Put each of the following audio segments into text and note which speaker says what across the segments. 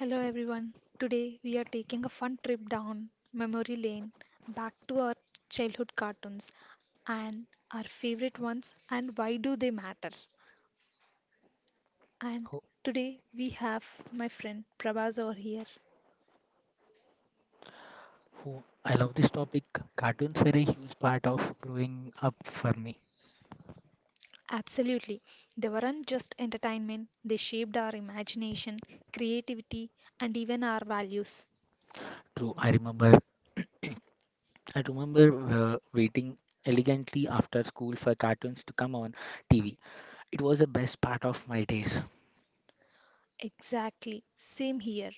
Speaker 1: Hello everyone. Today we are taking a fun trip down memory lane back to our childhood cartoons and our favorite ones and why do they matter. And
Speaker 2: Who,
Speaker 1: today we have my friend Prabhas over here.
Speaker 2: oh, I love this topic. Cartoons were a huge part of growing up for me.
Speaker 1: Absolutely. They weren't just entertainment, they shaped our imagination, creativity and even our values.
Speaker 2: True, I remember. I remember waiting elegantly after school for cartoons to come on TV. It was the best part of my days.
Speaker 1: Exactly, same here.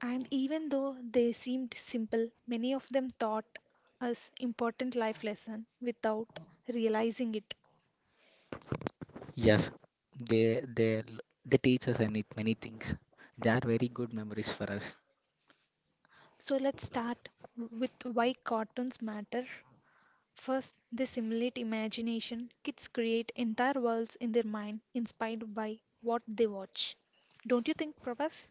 Speaker 1: And even though they seemed simple, many of them taught us important life lesson without realizing it.
Speaker 2: Yes, they they they teach us any, many things. They are very good memories for us.
Speaker 1: So let's start with why cartoons matter. First, they simulate imagination. Kids create entire worlds in their mind inspired by what they watch. Don't you think, Prabhas?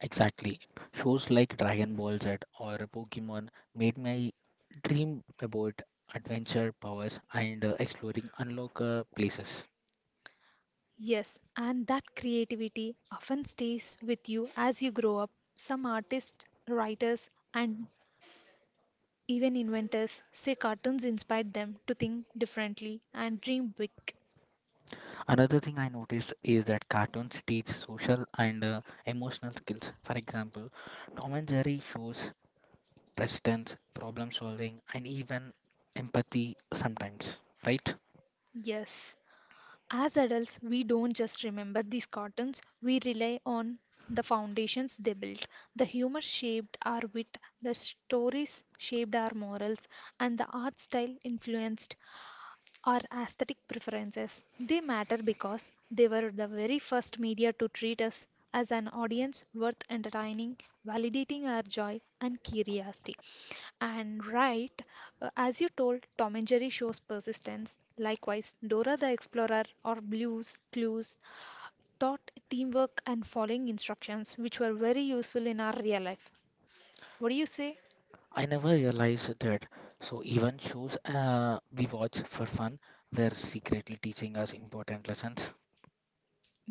Speaker 2: Exactly. Shows like Dragon Ball Z or Pokemon made my dream about adventure powers and exploring unlock places.
Speaker 1: Yes, and that creativity often stays with you as you grow up. Some artists, writers, and even inventors say cartoons inspired them to think differently and dream big.
Speaker 2: Another thing I notice is that cartoons teach social and emotional skills. For example, Tom and Jerry shows presence, problem solving, and even empathy sometimes, right?
Speaker 1: Yes, as adults, we don't just remember these cartoons, we rely on the foundations they built. The humor shaped our wit, the stories shaped our morals, and the art style influenced our aesthetic preferences. They matter because they were the very first media to treat us as an audience worth entertaining, validating our joy and curiosity. And right, as you told, Tom and Jerry shows persistence. Likewise, Dora the Explorer or Blues Clues taught teamwork and following instructions, which were very useful in our real life. What do you say?
Speaker 2: I never realized that. So, even shows we watch for fun were secretly teaching us important lessons.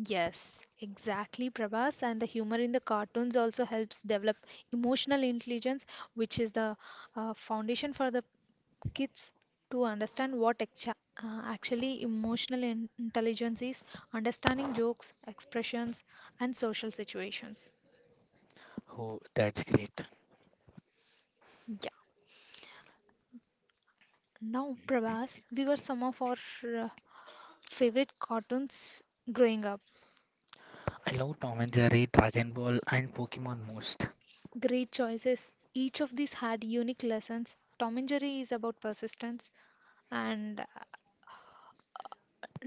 Speaker 1: Yes, exactly, Prabhas. And the humor in the cartoons also helps develop emotional intelligence, which is the foundation for the kids to understand what actually emotional intelligence is, understanding jokes, expressions, and social situations.
Speaker 2: Oh, that's great.
Speaker 1: Yeah. Now, Prabhas, we were some of our uh, favorite cartoons growing up.
Speaker 2: I love Tom and Jerry, Dragon Ball, and Pokemon most.
Speaker 1: Great choices. Each of these had unique lessons. Tom and Jerry is about persistence. And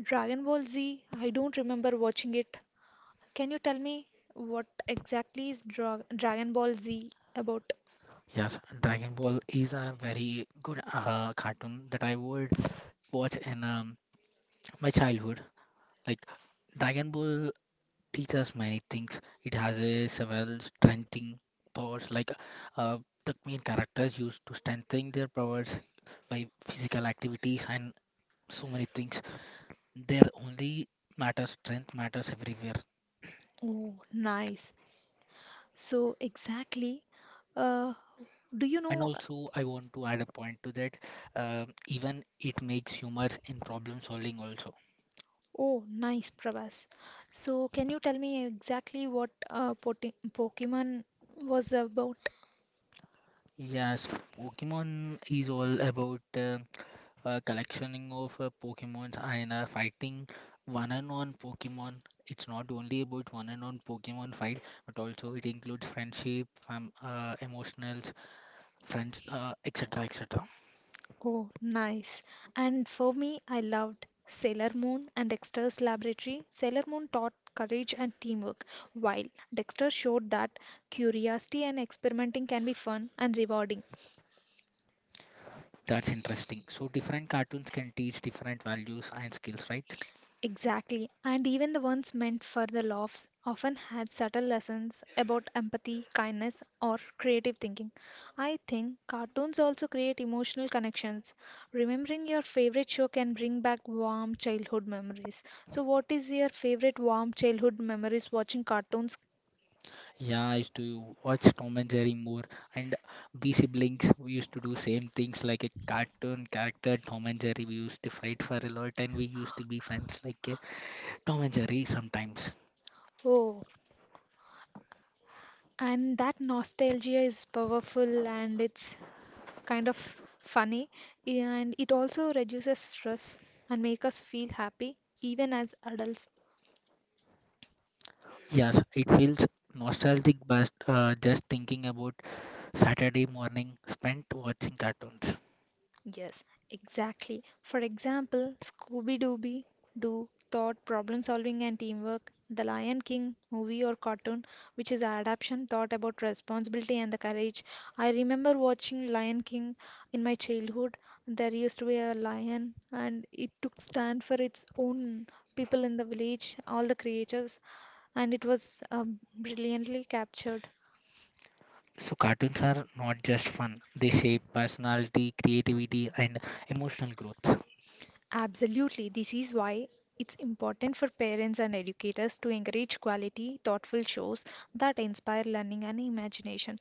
Speaker 1: Dragon Ball Z, I don't remember watching it. Can you tell me what exactly is Dragon Ball Z about?
Speaker 2: Yes, Dragon Ball is a very good cartoon that I would watch in my childhood. Like Dragon Ball teaches many things. It has a several strengthening powers. Like uh, the main characters used to strengthen their powers by physical activities and so many things. Their only matters strength matters everywhere.
Speaker 1: Oh, nice. So, exactly, uh, do you
Speaker 2: And
Speaker 1: know?
Speaker 2: also, I want to add a point to that. um Even it makes humor in problem solving also.
Speaker 1: Oh, nice, Prabhas. So, can you tell me exactly what Pokemon was about?
Speaker 2: Yes, Pokemon is all about collectioning of Pokemons and fighting one and one Pokemon. It's not only about one and one Pokemon fight, but also it includes friendship, fam emotionals, friends, etc., etc.
Speaker 1: Oh, nice. And for me, I loved Sailor Moon and Dexter's Laboratory. Sailor Moon taught courage and teamwork, while Dexter showed that curiosity and experimenting can be fun and rewarding.
Speaker 2: That's interesting. So different cartoons can teach different values and skills, right?
Speaker 1: Exactly. And even the ones meant for the laughs often had subtle lessons about empathy, kindness, or creative thinking. I think cartoons also create emotional connections. Remembering your favorite show can bring back warm childhood memories. So, what is your favorite warm childhood memories watching cartoons?
Speaker 2: Yeah, I used to watch Tom and Jerry more, and we siblings we used to do same things like a cartoon character Tom and Jerry. We used to fight for a lot, and we used to be friends like Tom and Jerry sometimes.
Speaker 1: Oh, and that nostalgia is powerful and it's kind of funny, and it also reduces stress and make us feel happy even as adults.
Speaker 2: Yes, it feels nostalgic, but just thinking about Saturday morning spent watching cartoons.
Speaker 1: Yes, exactly. For example, Scooby Dooby Doo taught problem solving and teamwork. The Lion King movie or cartoon, which is adaptation, thought about responsibility and the courage. I remember watching Lion King in my childhood. There used to be a lion, and it took stand for its own people in the village, all the creatures, and it was brilliantly captured.
Speaker 2: So cartoons are not just fun; they shape personality, creativity, and emotional growth.
Speaker 1: Absolutely. This is why it's important for parents and educators to encourage quality, thoughtful shows that inspire learning and imagination.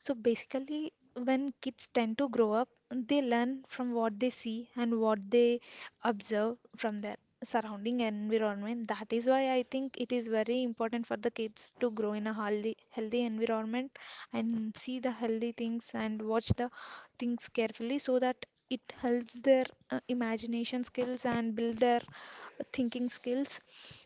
Speaker 1: So basically, when kids tend to grow up, they learn from what they see and what they observe from their surrounding environment. That is why I think it is very important for the kids to grow in a healthy, healthy environment and see the healthy things and watch the things carefully so that it helps their imagination skills and build their thinking skills.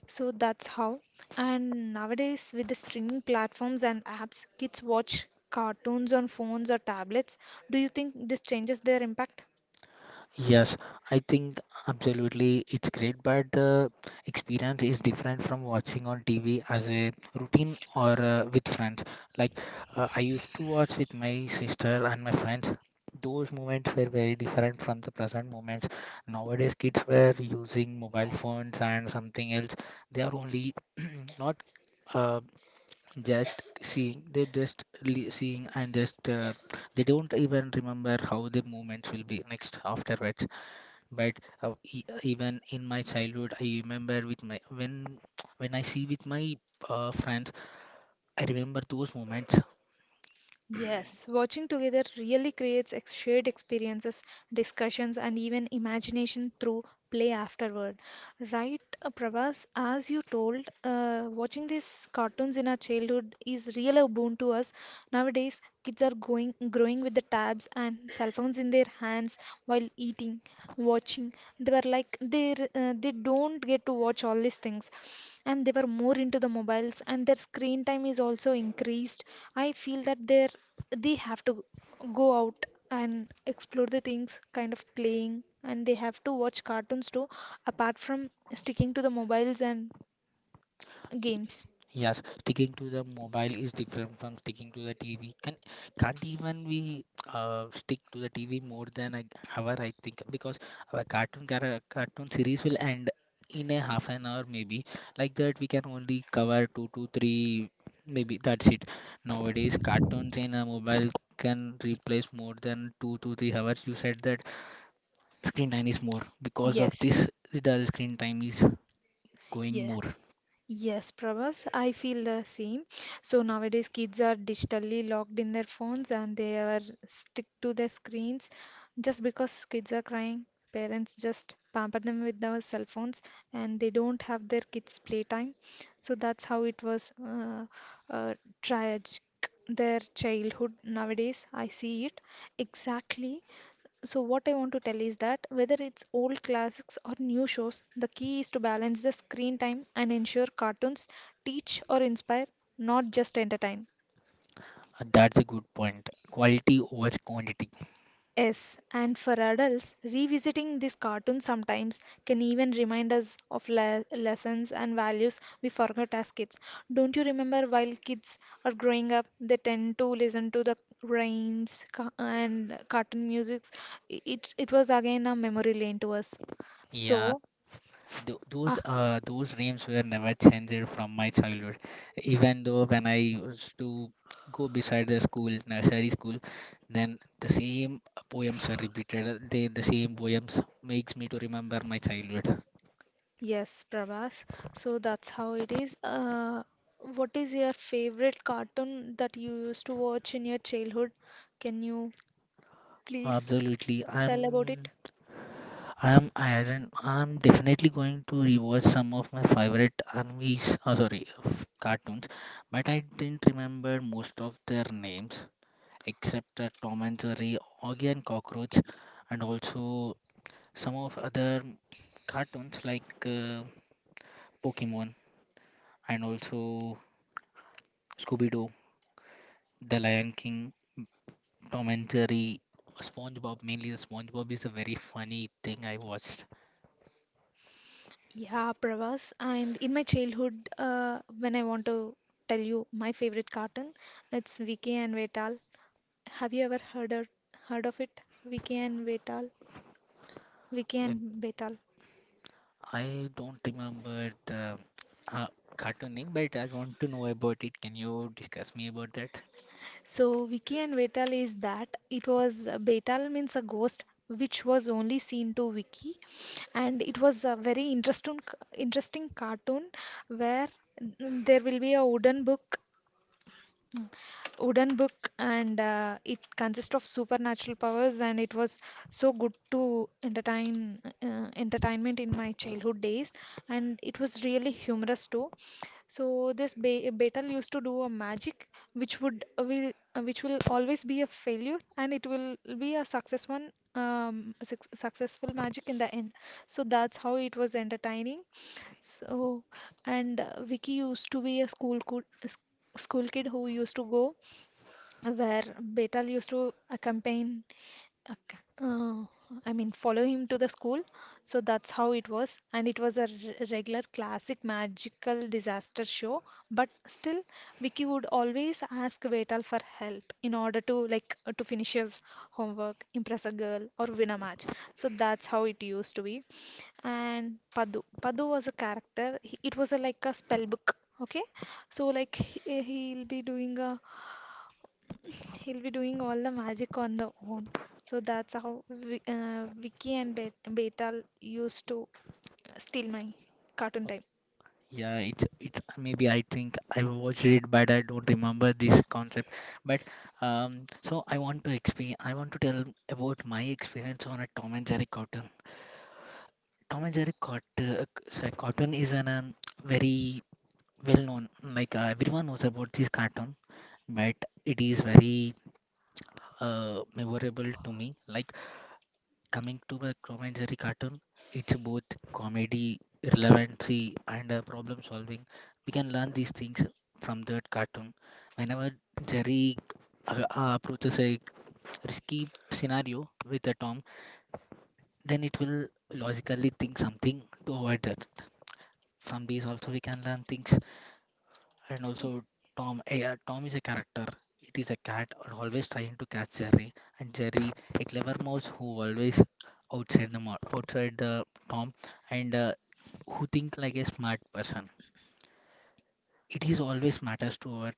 Speaker 1: So that's how. And nowadays, with the streaming platforms and apps, kids watch cartoons on phones or tablets. Do you think this changes their impact?
Speaker 2: Yes, I think absolutely it's great, but the experience is different from watching on TV as a routine or with friends. Like I used to watch with my sister and my friends. Those moments were very different from the present moments. Nowadays, kids were using mobile phones and something else. They are only not uh, just seeing. They seeing and just they don't even remember how the moments will be next afterwards, but even in my childhood, I remember with my, when I see with my friends, I remember those moments.
Speaker 1: Yes, watching together really creates shared experiences, discussions, and even imagination through play afterward. Right, Prabhas, as you told, watching these cartoons in our childhood is real a boon to us. Nowadays, kids are going growing with the tabs and cell phones in their hands while eating, watching. They were like they don't get to watch all these things, and they were more into the mobiles, and their screen time is also increased. I feel that they have to go out and explore the things kind of playing, and they have to watch cartoons too, apart from sticking to the mobiles and games.
Speaker 2: Yes, sticking to the mobile is different from sticking to the TV. Can't even we stick to the TV more than an hour, I think, because our cartoon series will end in a half an hour maybe. Like that, we can only cover two to three, maybe that's it. Nowadays, cartoons in a mobile can replace more than 2 to 3 hours. You said that screen time is more because of
Speaker 1: Yes,
Speaker 2: this, the screen time is going
Speaker 1: yeah.
Speaker 2: more.
Speaker 1: Yes, Prabhas, I feel the same. So nowadays, kids are digitally locked in their phones and they are stick to their screens. Just because kids are crying, parents just pamper them with their cell phones and they don't have their kids' playtime. So that's how it was uh, tragic, their childhood nowadays. I see it exactly. So, what I want to tell is that whether it's old classics or new shows, the key is to balance the screen time and ensure cartoons teach or inspire, not just entertain.
Speaker 2: That's a good point. Quality over quantity.
Speaker 1: Yes, and for adults, revisiting these cartoons sometimes can even remind us of lessons and values we forgot as kids. Don't you remember while kids are growing up, they tend to listen to the rhymes and cartoon music? It was again a memory lane to us.
Speaker 2: Yeah,
Speaker 1: So,
Speaker 2: th
Speaker 1: uh,
Speaker 2: those dreams were never changed from my childhood. Even though when I used to go beside the school, nursery school, then the same poems were repeated. The same poems makes me to remember my childhood.
Speaker 1: Yes, Prabhas. So that's how it is. What is your favorite cartoon that you used to watch in your childhood? Can you please
Speaker 2: Absolutely.
Speaker 1: tell about it?
Speaker 2: I don't, I'm definitely going to rewatch some of my favorite animes, oh, sorry, cartoons, but I didn't remember most of their names. Except Tom and Jerry, Augie and Cockroach, and also some of other cartoons like Pokemon and also Scooby Doo, The Lion King, Tom and Jerry, SpongeBob. Mainly, the SpongeBob is a very funny thing I watched.
Speaker 1: Yeah, Pravas. And in my childhood, when I want to tell you my favorite cartoon, it's Vicky and Vetal. Have you ever heard of it? Vicky and Vetal. Vicky
Speaker 2: Um,
Speaker 1: and Vetal.
Speaker 2: I don't remember the uh, cartoon name, but I want to know about it. Can you discuss me about that?
Speaker 1: So Vicky and Vetal is that it was Betal means a ghost which was only seen to Vicky, and it was a very interesting cartoon where there will be a wooden book Mm. wooden book, and it consists of supernatural powers, and it was so good to entertainment in my childhood days, and it was really humorous too. So this betel used to do a magic which would will which will always be a failure, and it will be a success one, successful magic in the end. So that's how it was entertaining. So, and Vicky used to be a school kid who used to go where Betal used to accompany. Okay. I mean, follow him to the school. So that's how it was. And it was a regular classic magical disaster show. But still, Vicky would always ask Vetal for help in order to, like, to finish his homework, impress a girl, or win a match. So that's how it used to be. And Padu was a character. It was like a spell book. Okay, so like he'll be doing all the magic on the own. So that's how Vicky and Betal used to steal my cartoon time.
Speaker 2: Yeah, it's maybe I think I watched it, but I don't remember this concept. But so I want to explain. I want to tell about my experience on a Tom and Jerry cartoon. Tom and Jerry cartoon is an very well known. Like everyone knows about this cartoon, but it is very memorable to me. Like coming to a commentary cartoon, it's both comedy, relevancy, and problem solving. We can learn these things from that cartoon. Whenever Jerry approaches a risky scenario with a Tom, then it will logically think something to avoid that. From these also we can learn things. And also Tom, yeah, Tom is a character. It is a cat and always trying to catch Jerry, and Jerry, a clever mouse who always outside the Tom, and who think like a smart person. It is always matters to our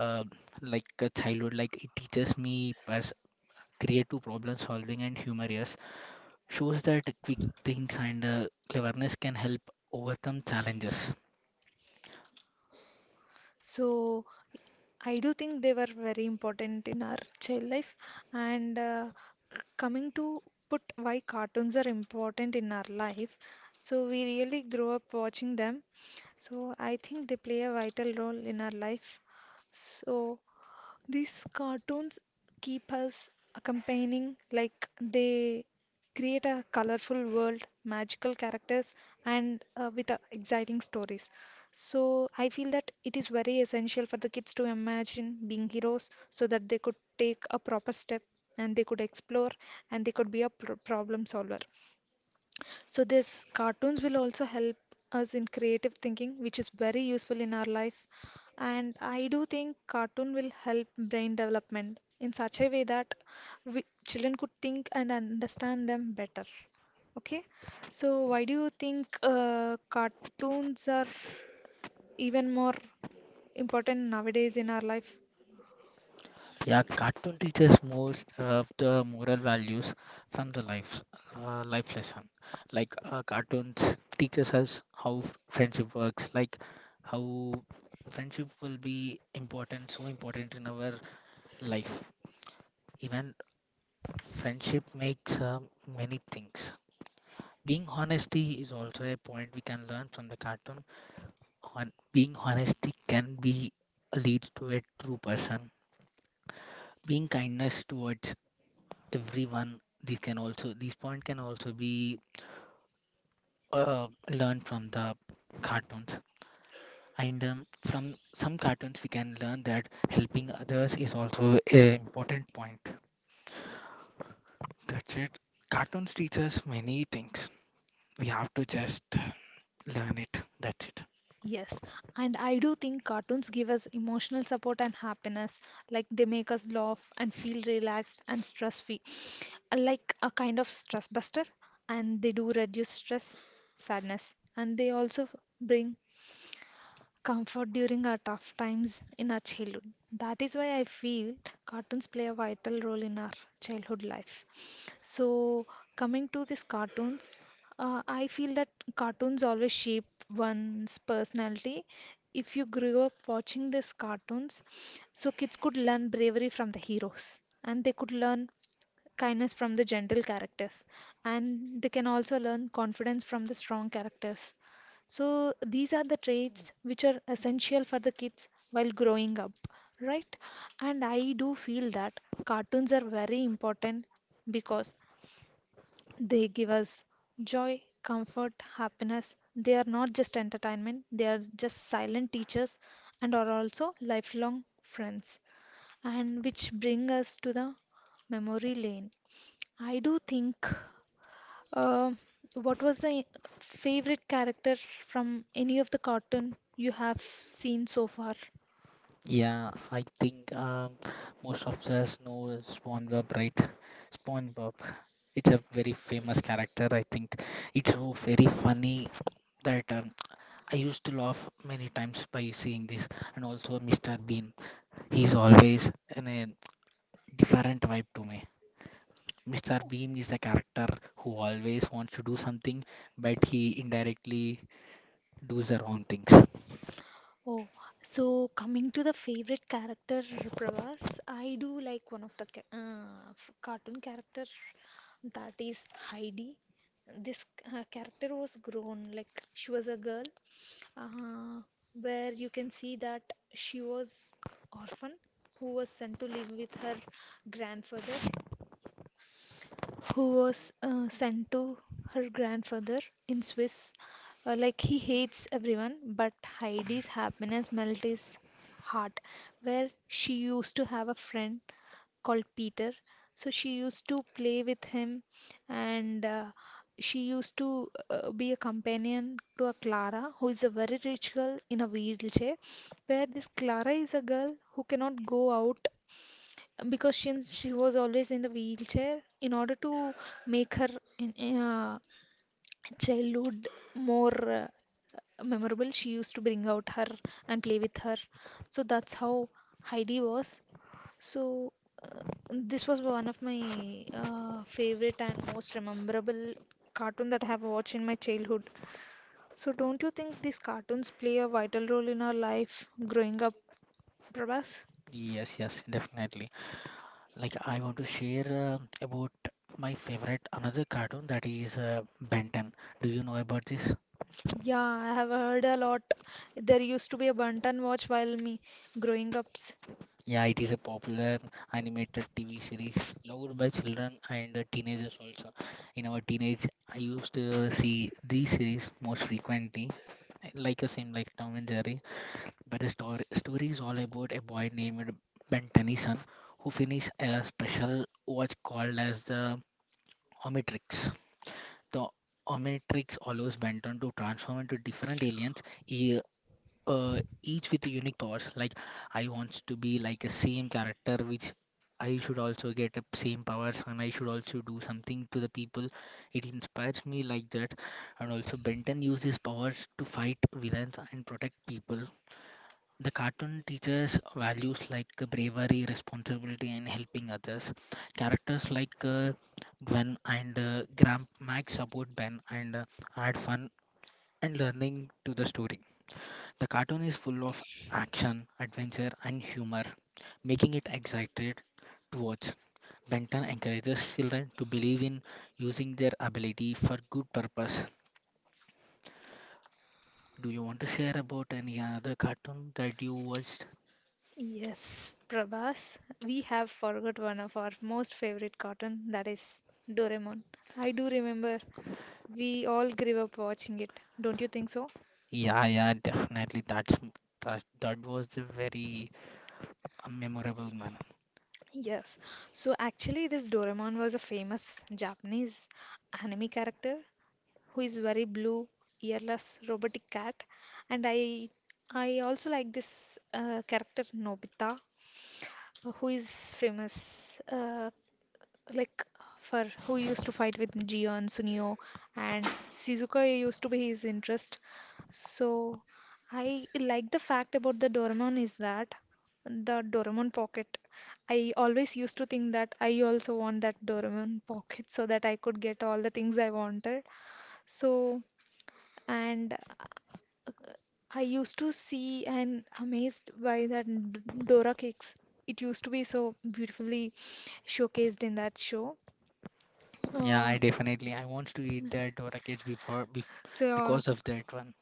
Speaker 2: uh, like a childhood. Like it teaches me creative problem solving and humor. Yes, shows that quick things and cleverness can help overcome challenges.
Speaker 1: So I do think they were very important in our child life. And coming to put why cartoons are important in our life, so we really grow up watching them. So I think they play a vital role in our life. So these cartoons keep us accompanying, like they create a colorful world, magical characters, and with exciting stories. So I feel that it is very essential for the kids to imagine being heroes so that they could take a proper step, and they could explore, and they could be a problem solver. So this cartoons will also help us in creative thinking, which is very useful in our life. And I do think cartoon will help brain development in such a way that we, children could think and understand them better. Okay, so why do you think cartoons are even more important nowadays in our life?
Speaker 2: Yeah, cartoon teaches most of the moral values from the life life lesson. Like cartoons teaches us how friendship works, like how friendship will be important, so important in our life. Even friendship makes many things. Being honesty is also a point we can learn from the cartoon. On being honesty can be leads to a true person. Being kindness towards everyone, these can also, these point can also be learned from the cartoons. And from some cartoons we can learn that helping others is also a important point. That's it. Cartoons teach us many things. We have to just learn it. That's it.
Speaker 1: Yes, and I do think cartoons give us emotional support and happiness. Like they make us laugh and feel relaxed and stress free, like a kind of stress buster, and they do reduce stress sadness, and they also bring comfort during our tough times in our childhood. That is why I feel cartoons play a vital role in our childhood life. So coming to these cartoons, I feel that cartoons always shape one's personality. If you grew up watching these cartoons, so kids could learn bravery from the heroes, and they could learn kindness from the gentle characters, and they can also learn confidence from the strong characters. So these are the traits which are essential for the kids while growing up, right? And I do feel that cartoons are very important, because they give us joy, comfort, happiness. They are not just entertainment, they are just silent teachers, and are also lifelong friends, and which bring us to the memory lane, I do think. Uh, what was the favorite character from any of the cartoon you have seen so far?
Speaker 2: Yeah, I think most of us know SpongeBob, right? spongebob It's a very famous character, I think. It's so very funny that I used to laugh many times by seeing this, and also Mr. Bean. He's always in a different vibe to me. Mr. Bean is a character who always wants to do something, but he indirectly does the wrong things.
Speaker 1: Oh, so coming to the favorite character, Pravas, I do like one of the cartoon character that is Heidi. This character was grown like she was a girl, uh, where you can see that she was orphan who was sent to live with her grandfather who was sent to her grandfather in Swiss. Like he hates everyone, but Heidi's happiness melted his heart. Where she used to have a friend called Peter, so she used to play with him, and she used to be a companion to a Clara, who is a very rich girl in a wheelchair. Where this Clara is a girl who cannot go out because she was always in the wheelchair in order to make her in childhood more memorable, she used to bring out her and play with her. So that's how Heidi was. So uh, this was one of my favorite and most memorable cartoon that I have watched in my childhood. So don't you think these cartoons play a vital role in our life growing up, Prabhas?
Speaker 2: Yes, yes, definitely. Like I want to share about my favorite another cartoon that is Ben 10. Do you know about this?
Speaker 1: Yeah, I have heard a lot. There used to be a Bantan watch while me growing ups.
Speaker 2: Yeah, it is a popular animated TV series loved by children and teenagers also. In our teenage, I used to see these series most frequently, like a same like Tom and Jerry. But the story is all about a boy named Ben Tennyson who finished a special watch called as the Omnitrix. The Omnitrix allows Benton to transform into different aliens, each with unique powers. Like I wants to be like a same character, which I should also get up same powers, and I should also do something to the people. It inspires me like that. And also Benton uses his powers to fight villains and protect people. The cartoon teaches values like bravery, responsibility, and helping others. Characters like Gwen and Graham Max support Ben and add fun and learning to the story. The cartoon is full of action, adventure, and humor, making it exciting to watch. Benton encourages children to believe in using their ability for good purpose. Do you want to share about any other cartoon that you watched?
Speaker 1: Yes, Prabhas, we have forgot one of our most favorite cartoon, that is Doraemon. I do remember we all grew up watching it. Don't you think so?
Speaker 2: Yeah, yeah, definitely. That's that was a very memorable one.
Speaker 1: Yes. So actually this Doraemon was a famous Japanese anime character who is very blue, earless, robotic cat, and I also like this character Nobita, who is famous like for who used to fight with Gion, Sunio, and Shizuka used to be his interest. So I like the fact about the Doraemon is that the Doraemon pocket. I always used to think that I also want that Doraemon pocket so that I could get all the things I wanted. So and I used to see and amazed by that Dora cakes. It used to be so beautifully showcased in that show.
Speaker 2: Yeah,
Speaker 1: Uh,
Speaker 2: I definitely I want to eat that or a before bef
Speaker 1: so, uh,
Speaker 2: because of that one.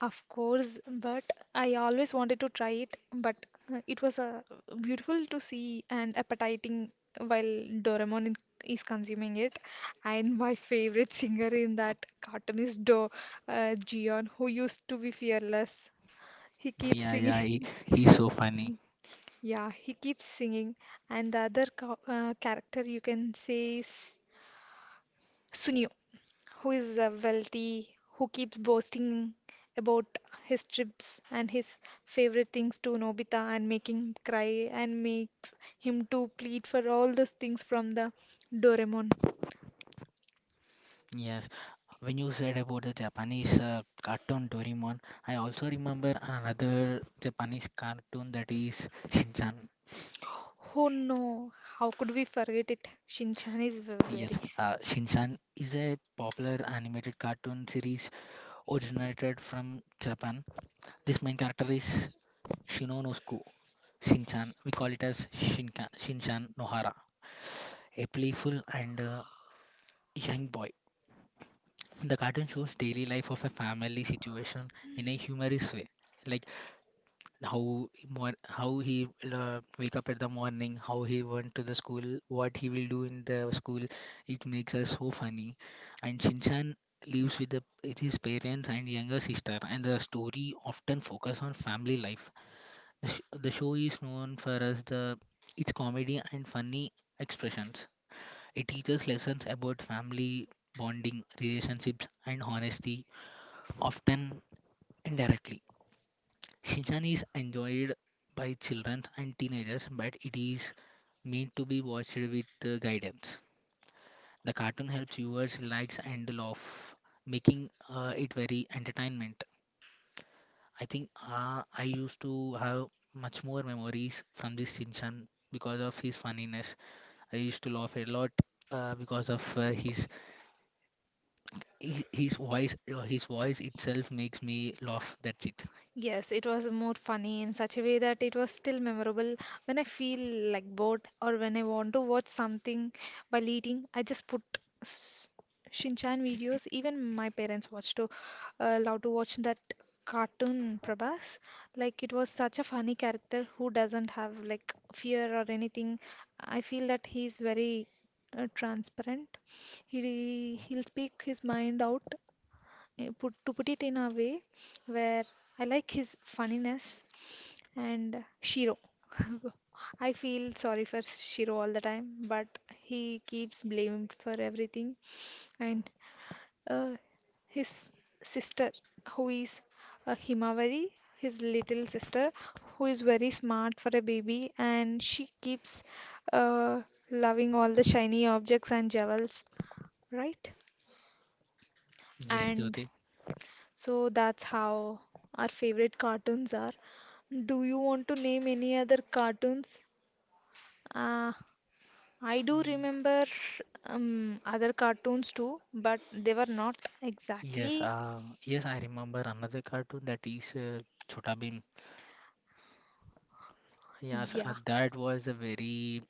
Speaker 1: of course, but I always wanted to try it. But it was beautiful to see and appetizing while Doraemon is consuming it. And my favorite singer in that cartoon is Do Gion, who used to be fearless. He keeps
Speaker 2: Yeah, yeah,
Speaker 1: singing.
Speaker 2: he's so funny.
Speaker 1: Yeah, he keeps singing, and the other character you can say is Sunio, who is wealthy, who keeps boasting about his trips and his favorite things to Nobita and making him cry and makes him to plead for all those things from the Doraemon.
Speaker 2: Yes, when you said about the Japanese cartoon Doraemon, I also remember another Japanese cartoon that is Shinchan.
Speaker 1: Oh no, how could we forget it? Shinchan is
Speaker 2: Yes,
Speaker 1: very.
Speaker 2: Shinchan is a popular animated cartoon series originated from Japan. This main character is Shinonosuke Shinchan. We call it as Shinka, Shinchan Nohara, a playful and young boy. The cartoon shows daily life of a family situation in a humorous way. Like how he wake up at the morning, how he went to the school, what he will do in the school. It makes us so funny. And Shinchan lives with the, with his parents and younger sister, and the story often focus on family life. The, sh the show is known for us the its comedy and funny expressions. It teaches lessons about family bonding, relationships, and honesty, often indirectly. Shinchan is enjoyed by children and teenagers, but it is meant to be watched with guidance. The cartoon helps viewers relax and laugh, making it very entertainment. I think I used to have much more memories from this Shinchan because of his funniness. I used to laugh a lot because of his voice. His voice itself makes me laugh. That's it.
Speaker 1: Yes, it was more funny in such a way that it was still memorable. When I feel like bored or when I want to watch something while eating, I just put s- Shinchan videos. Even my parents watched to love to watch that cartoon, Prabhas. Like it was such a funny character who doesn't have like fear or anything. I feel that he's very transparent. He he'll speak his mind out, put to put it in a way where I like his funniness and Shiro. I feel sorry for Shiro all the time, but he keeps blamed for everything. And uh, his sister, who is a Himawari, his little sister, who is very smart for a baby, and she keeps uh, loving all the shiny objects and jewels, right?
Speaker 2: Yes,
Speaker 1: And
Speaker 2: Jyoti.
Speaker 1: so that's how our favorite cartoons are. Do you want to name any other cartoons? Uh, I do remember other cartoons too, but they were not
Speaker 2: Yes,
Speaker 1: exactly.
Speaker 2: yes, I remember another cartoon that is Chhota Bheem. Yes,
Speaker 1: Yeah.
Speaker 2: that was a very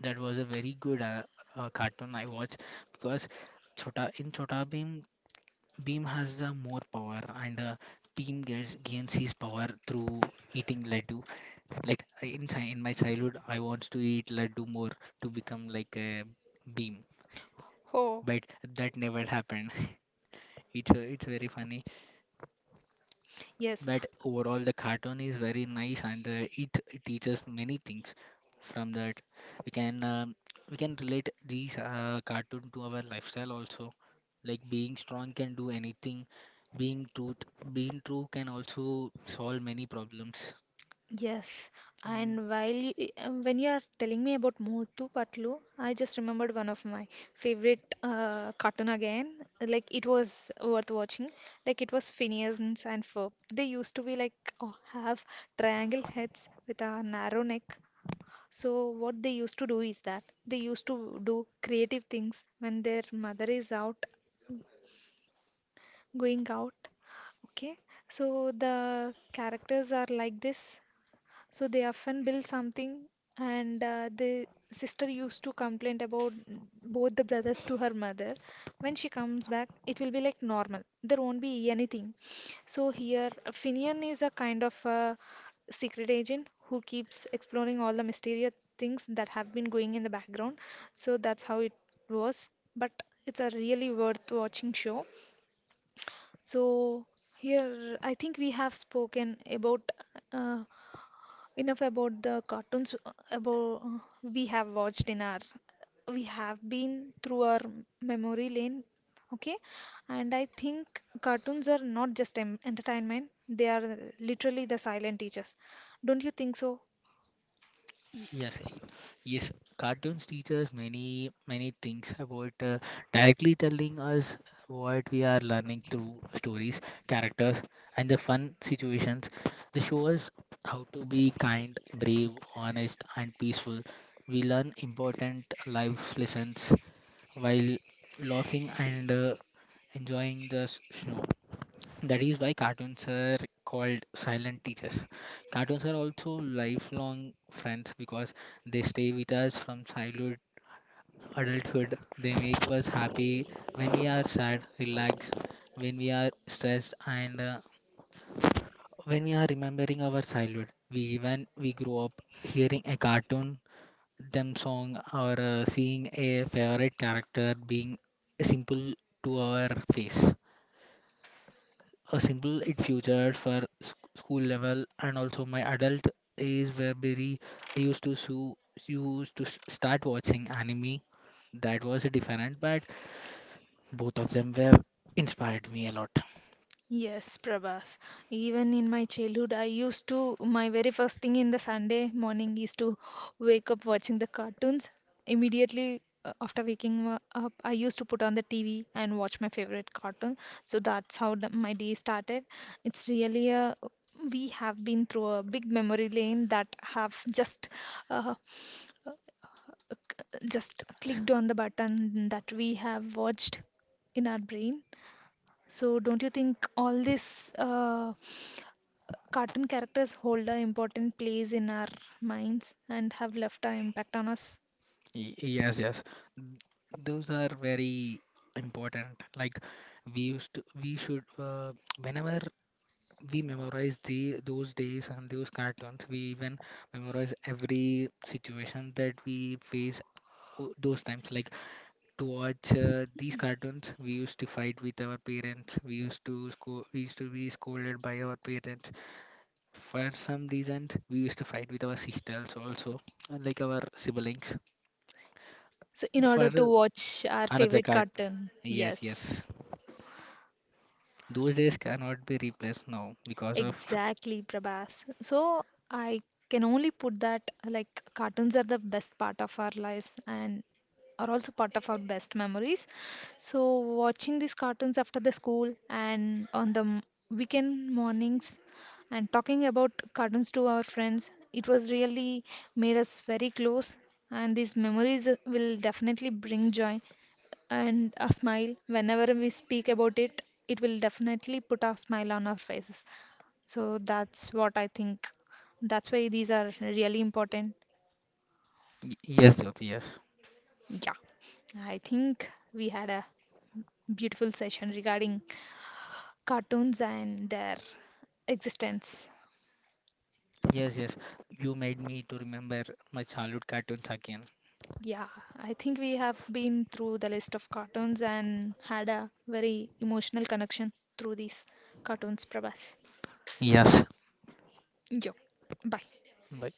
Speaker 2: that was a very good cartoon I watched because Chhota in Chhota Bheem, Bheem has the more power and Bheem gets gains his power through eating laddu. Like in my childhood, I wants to eat laddu more to become like a Bheem,
Speaker 1: Oh,
Speaker 2: but that never happened. It's very funny.
Speaker 1: yes.
Speaker 2: But overall, the cartoon is very nice, and it teaches many things from that. We can um, we can relate these cartoon to our lifestyle also. Like being strong can do anything. Being truth, being true can also solve many problems.
Speaker 1: Yes,
Speaker 2: Mm.
Speaker 1: and while when you are telling me about Motu Patlu, I just remembered one of my favorite cartoon again. Like it was worth watching. Like it was Phineas and Ferb. They used to be like, oh, have triangle heads with a narrow neck. So what they used to do is that they used to do creative things when their mother is out, going out. Okay, so the characters are like this. So they often build something, and the sister used to complain about both the brothers to her mother. When she comes back, it will be like normal. There won't be anything. So here, Finian is a kind of a secret agent who keeps exploring all the mysterious things that have been going in the background. So that's how it was. But it's a really worth watching show. So here, I think we have spoken about uh, enough about the cartoons about we have watched in our, we have been through our memory lane, okay? And I think cartoons are not just em entertainment, they are literally the silent teachers. Don't you think so?
Speaker 2: Yes, yes. Cartoons teach us many, many things about directly telling us what we are learning through stories, characters, and the fun situations. They show us how to be kind, brave, honest, and peaceful. We learn important life lessons while laughing and enjoying the show. That is why cartoons are called silent teachers. Cartoons are also lifelong friends because they stay with us from childhood, adulthood. They make us happy when we are sad, relaxed, when we are stressed, and when we are remembering our childhood. We grow up hearing a cartoon, them song, or seeing a favorite character being simple to our face. A simple it future for school level and also my adult is where very I used to so used to start watching anime that was different but both of them were inspired me a lot.
Speaker 1: Yes, Prabhas. Even in my childhood, I used to, my very first thing in the Sunday morning is to wake up watching the cartoons. Immediately after waking up, I used to put on the TV and watch my favorite cartoon. So that's how the, my day started. It's really a, we have been through a big memory lane that have uh, just clicked on the button that we have watched in our brain. So don't you think all these cartoon characters hold an important place in our minds and have left an impact on us?
Speaker 2: Yes, yes. Those are very important like we used to we should whenever we memorize the those days and those cartoons. We even memorize every situation that we face those times. Like to watch these cartoons, we used to fight with our parents. We used to be scolded by our parents. For some reasons, we used to fight with our sisters also, and like our siblings.
Speaker 1: So in order to
Speaker 2: For
Speaker 1: watch our
Speaker 2: another
Speaker 1: favorite
Speaker 2: cartoon,
Speaker 1: cartoon,
Speaker 2: yes, yes.
Speaker 1: yes.
Speaker 2: Those days cannot be replaced now because of
Speaker 1: Exactly, Prabhas. So I can only put that like cartoons are the best part of our lives and are also part of our best memories. So watching these cartoons after the school and on the weekend mornings and talking about cartoons to our friends, it was really made us very close, and these memories will definitely bring joy and a smile. Whenever we speak about it, it will definitely put a smile on our faces. So that's what I think. That's why these are really important.
Speaker 2: yes, Jyoti, yes.
Speaker 1: Yeah, I think we had a beautiful session regarding cartoons and their existence.
Speaker 2: Yes, yes. You made me to remember my childhood cartoons again.
Speaker 1: Yeah, I think we have been through the list of cartoons and had a very emotional connection through these cartoons, Prabhas.
Speaker 2: Yes.
Speaker 1: Yo, bye.
Speaker 2: Bye.